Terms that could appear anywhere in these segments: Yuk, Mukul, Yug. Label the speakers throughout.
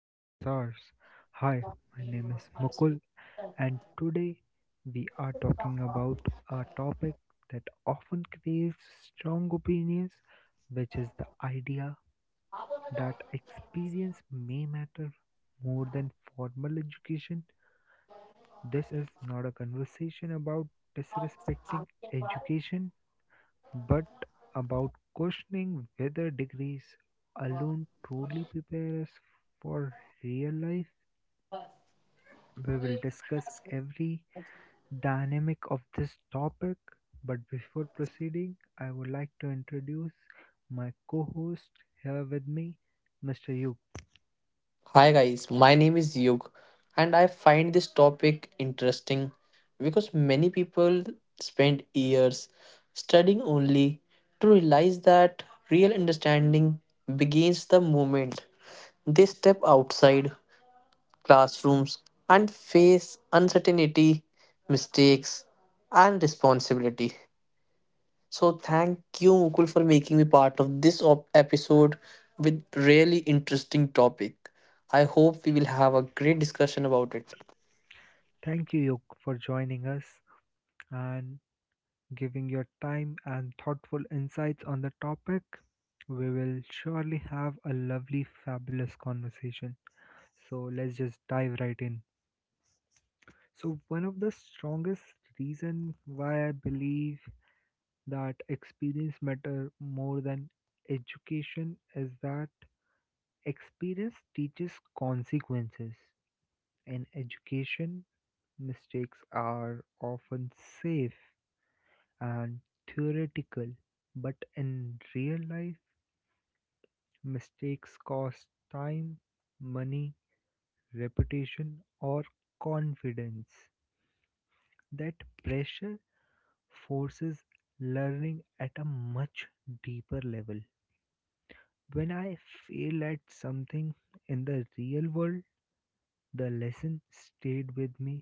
Speaker 1: to Office Hours. Hi, my name is Mukul, and today we are talking about a topic that often creates strong opinions, which is the idea that experience may matter more than formal education. This is not a conversation about disrespecting education but about questioning whether degrees alone truly prepare us for real life. We will discuss every dynamic of this topic, but before proceeding, I would like to introduce my co host here with me, Mr. Yuk.
Speaker 2: Hi guys, my name is Yug and I find this topic interesting because many people spend years studying only to realize that real understanding begins the moment they step outside classrooms and face uncertainty, mistakes and responsibility. So thank you, Mukul, for making me part of this episode with really interesting topic. I hope we will have a great discussion about it.
Speaker 1: Thank you, Yuk, for joining us and giving your time and thoughtful insights on the topic. We will surely have a lovely, fabulous conversation. So let's just dive right in. So one of the strongest reason why I believe that experience matter more than education is that experience teaches consequences. In education, mistakes are often safe and theoretical, but in real life, mistakes cost time, money, reputation, or confidence. That pressure forces learning at a much deeper level. When I fail at something in the real world, the lesson stayed with me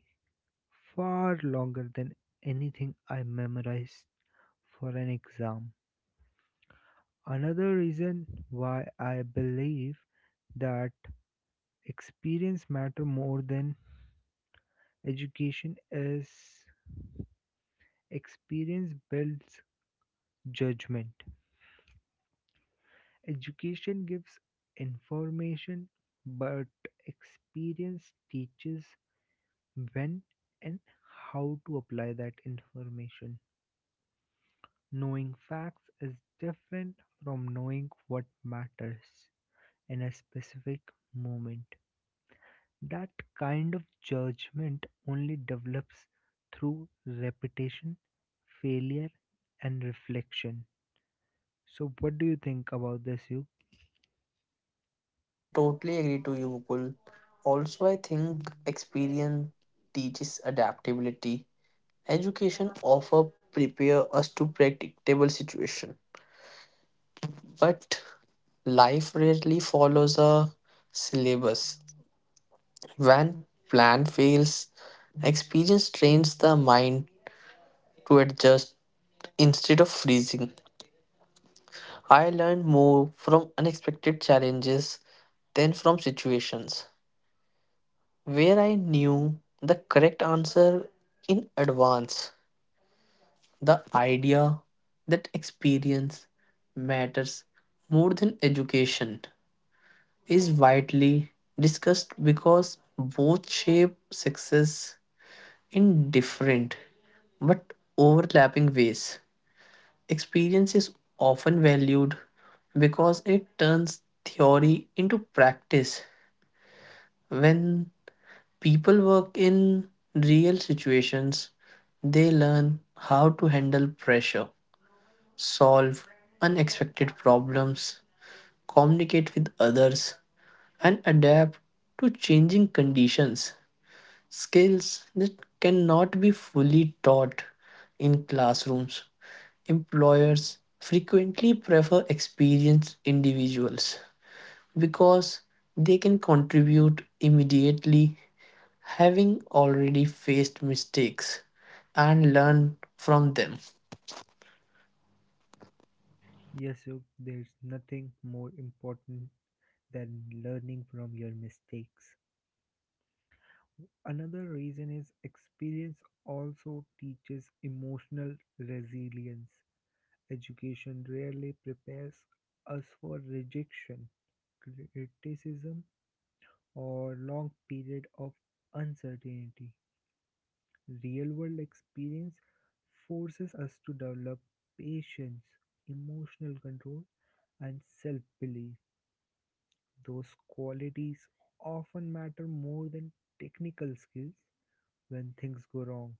Speaker 1: far longer than anything I memorized for an exam. Another reason why I believe that experience matter more than education is experience builds judgment. Education gives information, but experience teaches when and how to apply that information. Knowing facts is different from knowing what matters in a specific moment. That kind of judgment only develops through repetition, failure, and reflection. So, what do you think about this, you?
Speaker 2: I totally agree to you, Mukul. Also, I think experience teaches adaptability. Education offer prepare us to predictable situation, but life rarely follows a syllabus. When plan fails, experience trains the mind to adjust instead of freezing. I learned more from unexpected challenges than from situations where I knew the correct answer in advance. The idea that experience matters more than education is widely discussed because both shape success in different but overlapping ways. Experience is often valued because it turns theory into practice. When people work in real situations, they learn how to handle pressure, solve unexpected problems, communicate with others, and adapt to changing conditions. Skills that cannot be fully taught in classrooms. Employers frequently prefer experienced individuals because they can contribute immediately, having already faced mistakes, and learn from them.
Speaker 1: Yes, you. There's nothing more important than learning from your mistakes. Another reason is experience also teaches emotional resilience. Education rarely prepares us for rejection, criticism, or long period of uncertainty. Real world experience forces us to develop patience, emotional control, and self belief. Those qualities often matter more than technical skills when things go wrong.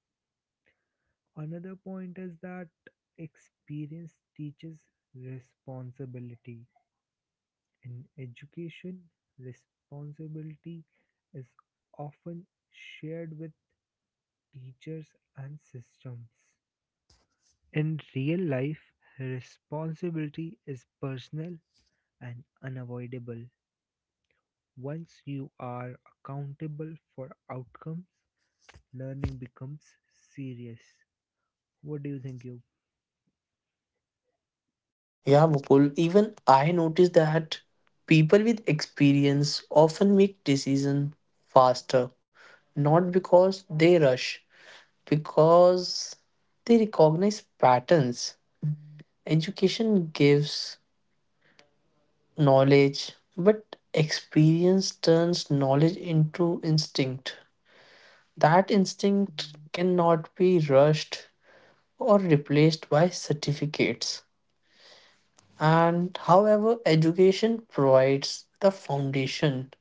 Speaker 1: Another point is that experience teaches responsibility. In education, responsibility is often shared with teachers and systems. In real life, responsibility is personal and unavoidable. Once you are accountable for outcomes, learning becomes serious. What do you think, you?
Speaker 2: Yeah, Mukul, even I noticed that people with experience often make decisions faster, not because they rush, because they recognize patterns. Education gives knowledge, but experience turns knowledge into instinct. That instinct cannot be rushed or replaced by certificates. And however, education provides the foundation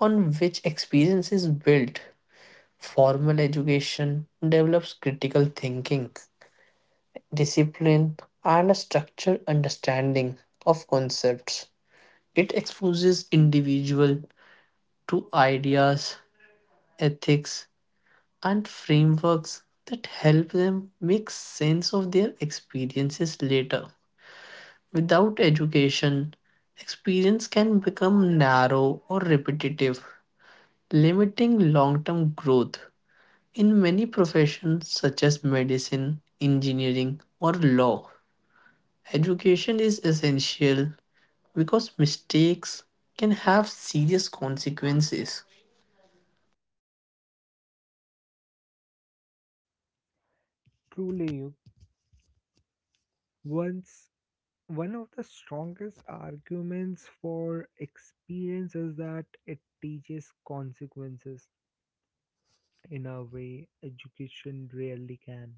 Speaker 2: on which experience is built. Formal education develops critical thinking, discipline, and a structured understanding of concepts. It exposes individual to ideas, ethics, and frameworks that help them make sense of their experiences later. Without education, experience can become narrow or repetitive, limiting long term growth. In many professions, such as medicine, engineering, or law, education is essential because mistakes can have serious consequences.
Speaker 1: Truly, you. Once one of the strongest arguments for experience is that it teaches consequences in a way education rarely can.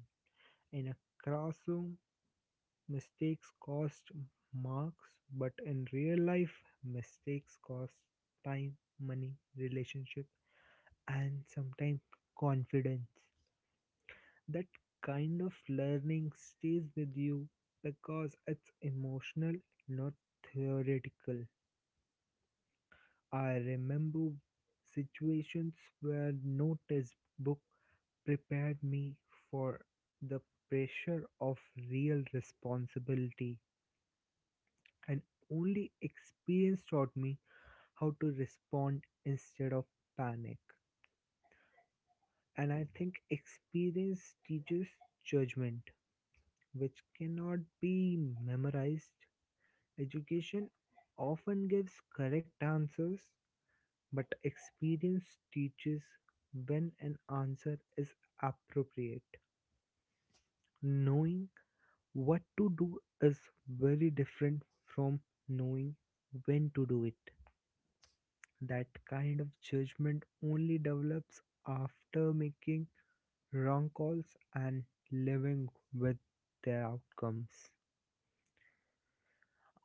Speaker 1: In a classroom, mistakes cost marks, but in real life, mistakes cost time, money, relationship, and sometimes confidence. That kind of learning stays with you because it's emotional, not theoretical. I remember situations where no textbook prepared me for the pressure of real responsibility, and only experience taught me how to respond instead of panic. And I think experience teaches judgment which cannot be memorized. Education often gives correct answers, but experience teaches when an answer is appropriate. Knowing what to do is very different from knowing when to do it. That kind of judgment only develops after making wrong calls and living with their outcomes.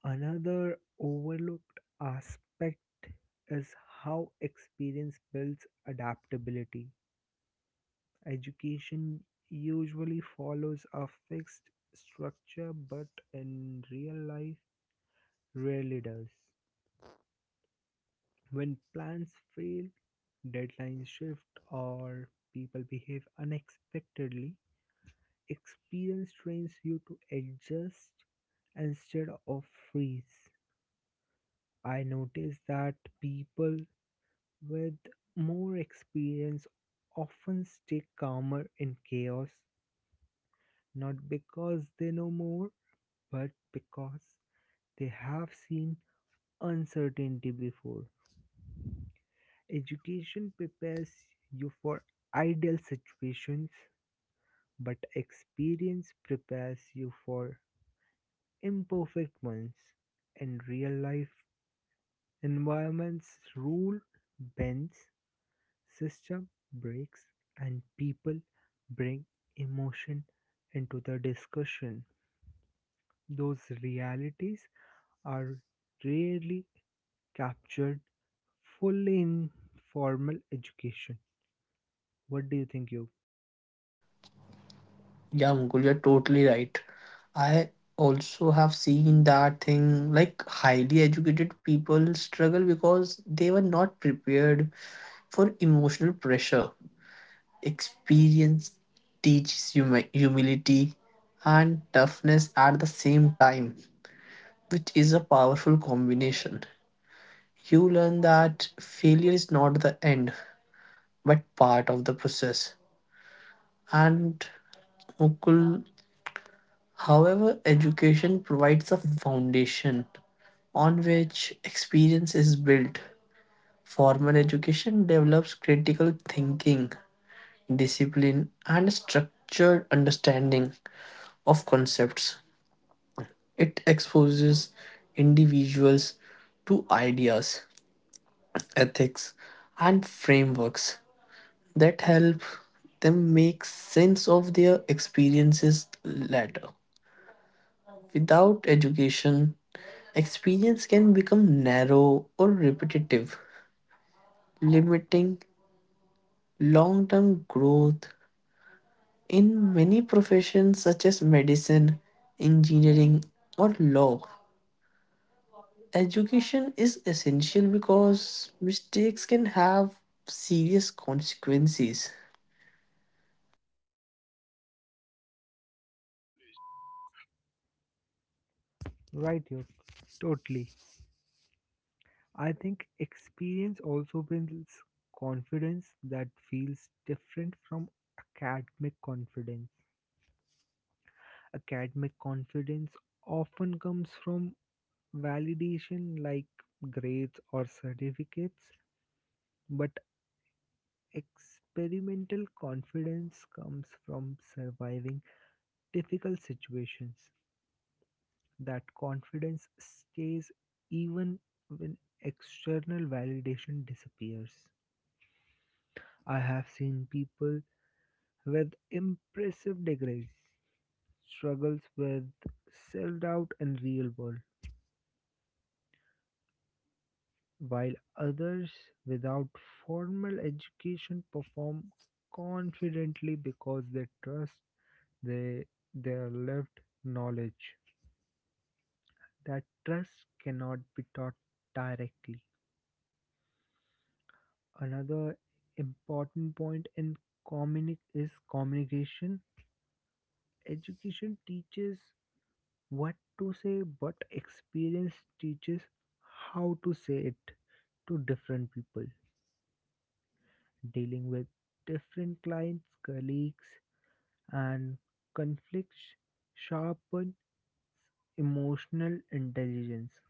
Speaker 1: Another overlooked aspect is how experience builds adaptability. Education usually follows a fixed structure, but in real life, rarely does. When plans fail, deadlines shift, or people behave unexpectedly, experience trains you to adjust instead of freeze. I noticed that people with more experience often stay calmer in chaos, not because they know more, but because they have seen uncertainty before. Education prepares you for ideal situations, but experience prepares you for imperfect ones. In real life, environments rule bends. System breaks and people bring emotion into the discussion. Those realities are rarely captured fully in formal education. What do you think, you?
Speaker 2: Yeah, Mukul, you're totally right. I also have seen that thing like highly educated people struggle because they were not prepared for emotional pressure. Experience teaches humility and toughness at the same time, which is a powerful combination. You learn that failure is not the end, but part of the process. And Mukul, however, education provides a foundation on which experience is built. Formal education develops critical thinking, discipline, and structured understanding of concepts. It exposes individuals to ideas, ethics, and frameworks that help them make sense of their experiences later. Without education, experience can become narrow or repetitive, limiting long term growth. In many professions, such as medicine, engineering, or law, education is essential because mistakes can have serious consequences.
Speaker 1: Right, you. Totally. I think experience also builds confidence that feels different from academic confidence. Academic confidence often comes from validation like grades or certificates, but experimental confidence comes from surviving difficult situations. That confidence stays even when external validation disappears. I have seen people with impressive degrees struggles with self doubt in real world while others without formal education perform confidently because they trust they, their lived knowledge. That trust cannot be taught directly. Another important point in is communication. Education teaches what to say, but experience teaches how to say it to different people. Dealing with different clients, colleagues, and conflicts sharpens emotional intelligence.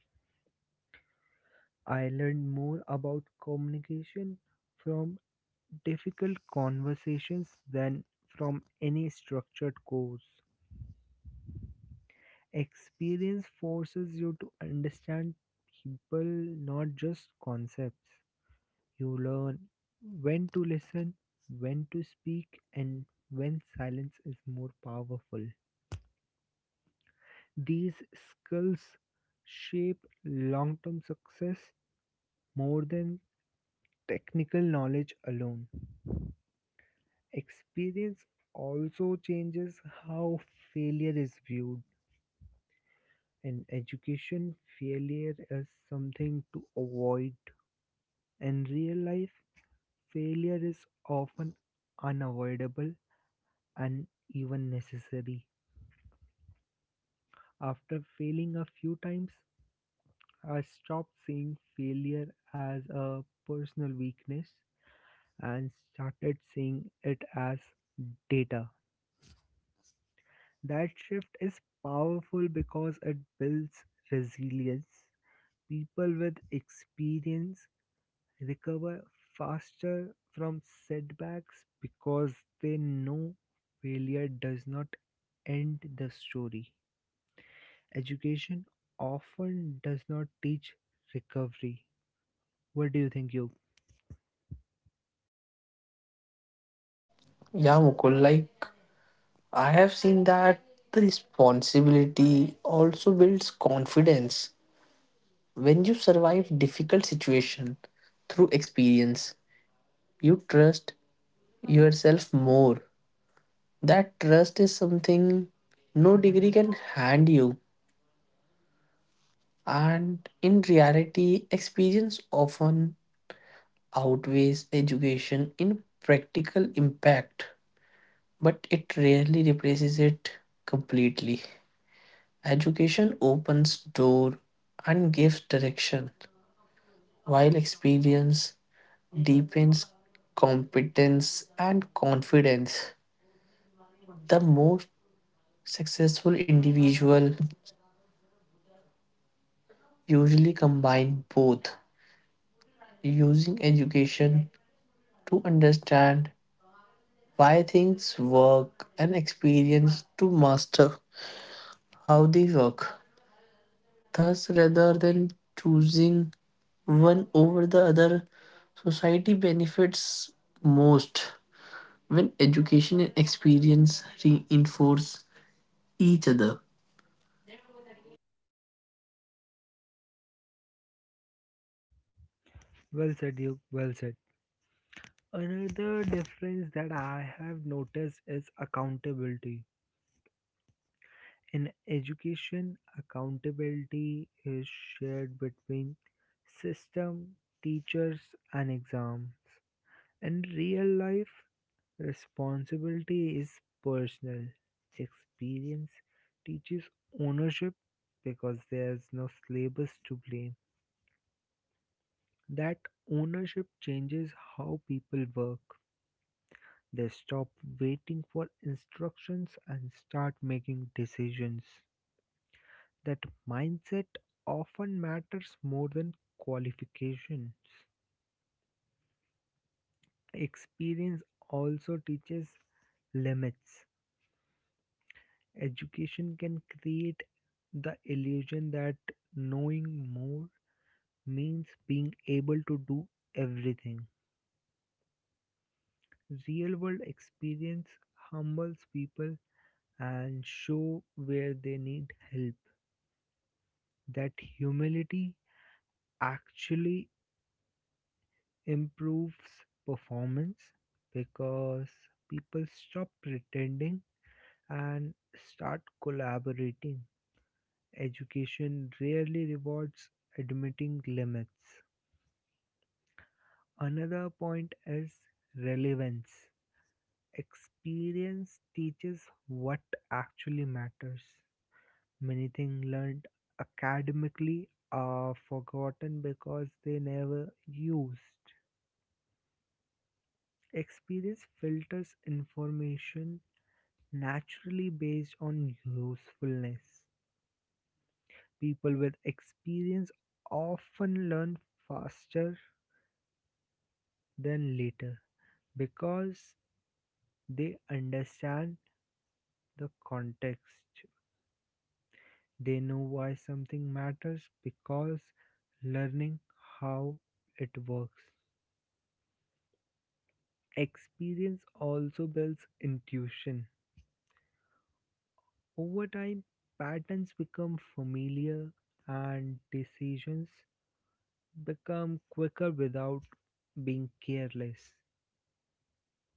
Speaker 1: I learned more about communication from difficult conversations than from any structured course. Experience forces you to understand people, not just concepts. You learn when to listen, when to speak, and when silence is more powerful. These skills shape long term success more than technical knowledge alone. Experience also changes how failure is viewed. In education, failure is something to avoid. In real life, failure is often unavoidable and even necessary. After failing a few times, I stopped seeing failure as a personal weakness and started seeing it as data. That shift is powerful because it builds resilience. People with experience recover faster from setbacks because they know failure does not end the story. Education often does not teach recovery. What do you think, you?
Speaker 2: Yeah, Mukul, like I have seen that the responsibility also builds confidence when you survive difficult situation through experience you trust yourself more. That trust is something no degree can hand you. And in reality, experience often outweighs education in practical impact, but it rarely replaces it completely. Education opens door and gives direction, while experience deepens competence and confidence. The most successful individuals usually combine both, using education to understand why things work and experience to master how they work. Thus, rather than choosing one over the other, society benefits most when education and experience reinforce each other.
Speaker 1: Well said, you. Well said. Another difference that I have noticed is accountability. In education, accountability is shared between system, teachers, and exam. In real life, responsibility is personal. Experience teaches ownership because there's no syllabus to blame. That ownership changes how people work. They stop waiting for instructions and start making decisions. That mindset often matters more than qualifications. Experience also teaches limits. Education can create the illusion that knowing more means being able to do everything. Real world experience humbles people and show where they need help. That humility actually improves performance because people stop pretending and start collaborating. Education rarely rewards admitting limits. Another point is relevance. Experience teaches what actually matters. Many things learned academically are forgotten because they never used. Experience filters information naturally based on usefulness. People with experience often learn faster than later because they understand the context. They know why something matters because learning how it works. Experience also builds intuition. Over time, patterns become familiar and decisions become quicker without being careless.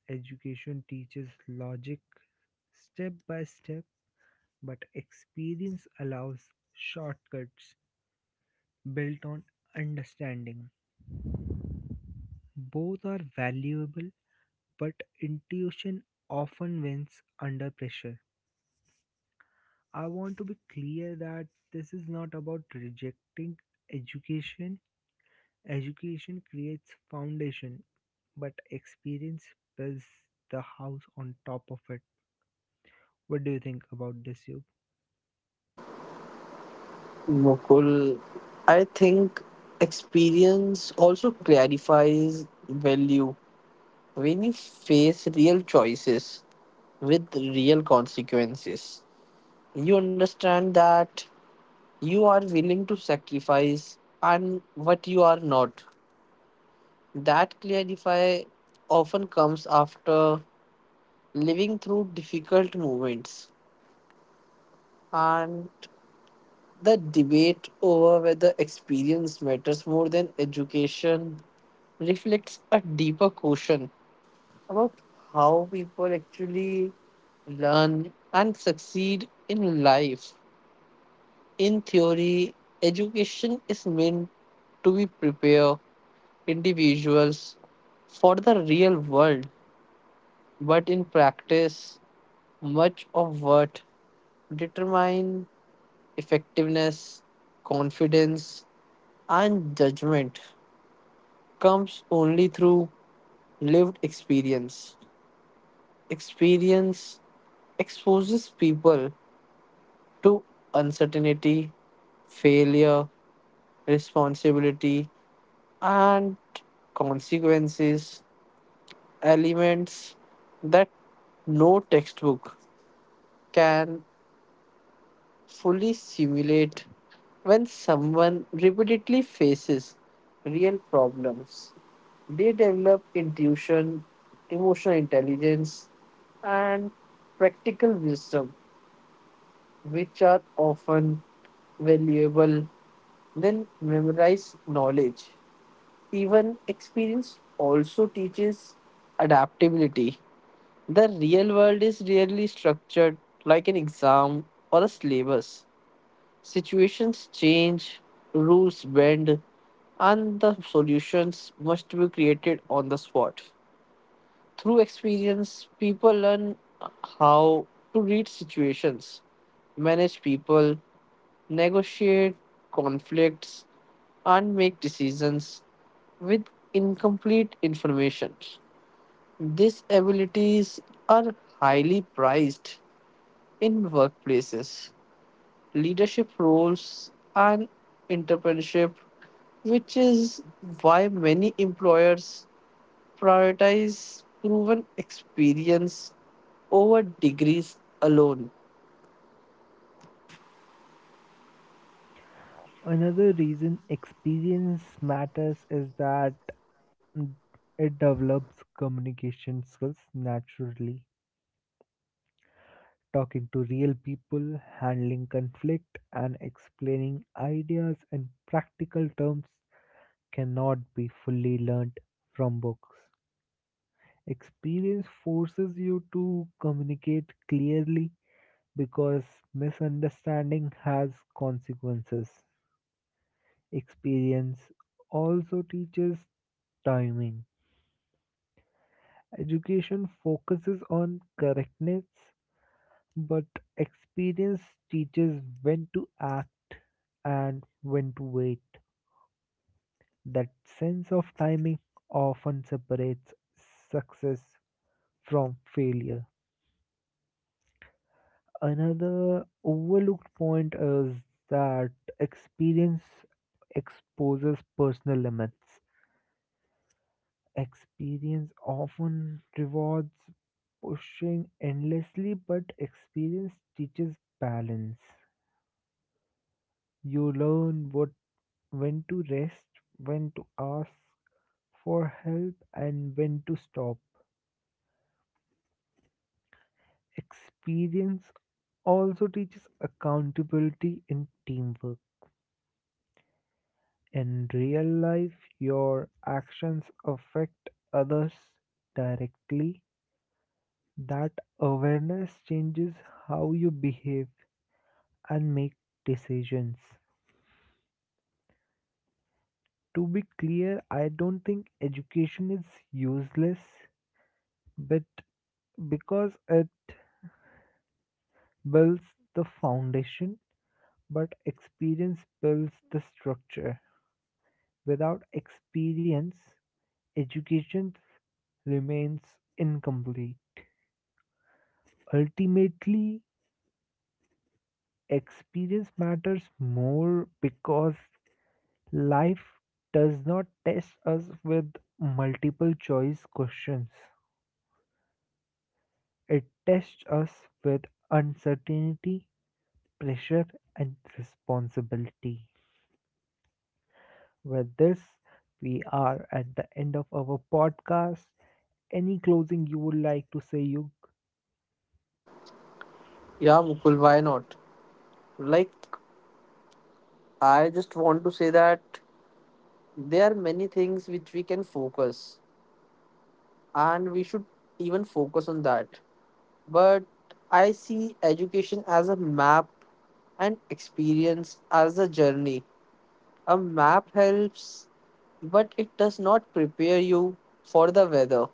Speaker 1: Education teaches logic step by step, but experience allows shortcuts built on understanding. Both are valuable, but intuition often wins under pressure. I want to be clear that this is not about rejecting education. Education creates foundation, but experience builds the house on top of it. What do you think about this, you?
Speaker 2: Mukul, I think experience also clarifies value when you face real choices with real consequences. You understand that you are willing to sacrifice and what you are not. That clarify often comes after living through difficult moments and the debate over whether experience matters more than education reflects a deeper question about how people actually learn and succeed in life. In theory, education is meant to be prepare individuals for the real world, but in practice, much of what determine effectiveness, confidence, and judgment comes only through lived experience. Experience exposes people to uncertainty, failure, responsibility, and consequences, elements that no textbook can fully simulate when someone repeatedly faces real problems. They develop intuition, emotional intelligence, and practical wisdom, which are often valuable than memorized knowledge. Even experience also teaches adaptability. The real world is rarely structured like an exam or a syllabus. Situations change, rules bend, and the solutions must be created on the spot. Through experience, people learn how to read situations, manage people, negotiate conflicts, and make decisions with incomplete information. These abilities are highly prized in workplaces leadership roles, and entrepreneurship, which is why many employers prioritize proven experience over degrees alone.
Speaker 1: Another reason experience matters is that mm, it develops communication skills naturally. Talking to real people, handling conflict, and explaining ideas in practical terms cannot be fully learned from books. Experience forces you to communicate clearly because misunderstanding has consequences. Experience also teaches timing. Education focuses on correctness, but experience teaches when to act and when to wait. That sense of timing often separates success from failure. Another overlooked point is that experience exposes personal limits. Experience often rewards pushing endlessly, but experience teaches balance. You learn what when to rest, when to ask for help, and when to stop. Experience also teaches accountability and teamwork. In real life, your actions affect others directly. That awareness changes how you behave and make decisions. To be clear, I don't think education is useless, but because it builds the foundation, but experience builds the structure. Without experience, education remains incomplete. Ultimately, experience matters more because life does not test us with multiple choice questions. It tests us with uncertainty, pressure, and responsibility. With this, we are at the end of our podcast. Any closing you would like to say, Yug?
Speaker 2: Yeah, Mukul, why not? Like, I just want to say that there are many things which we can focus, and we should even focus on that. But I see education as a map and experience as a journey. A map helps, but it does not prepare you for the weather,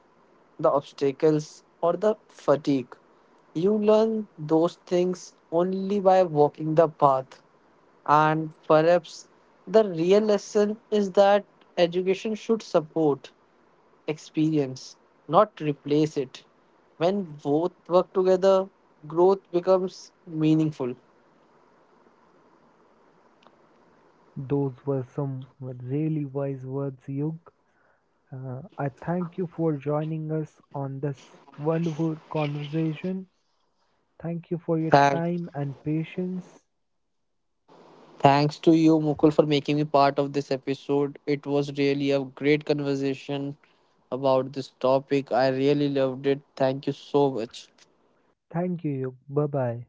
Speaker 2: the obstacles, or the fatigue. You learn those things only by walking the path. And perhaps the real lesson is that education should support experience, not replace it. When both work together, growth becomes meaningful.
Speaker 1: Those were some really wise words, Yug. I thank you for joining us on this wonderful conversation. Thank you for your
Speaker 2: Thanks.
Speaker 1: time and patience.
Speaker 2: Thanks to you, Mukul, for making me part of this episode. It was really a great conversation about this topic. I really loved it. Thank you so much.
Speaker 1: Thank you. Bye bye.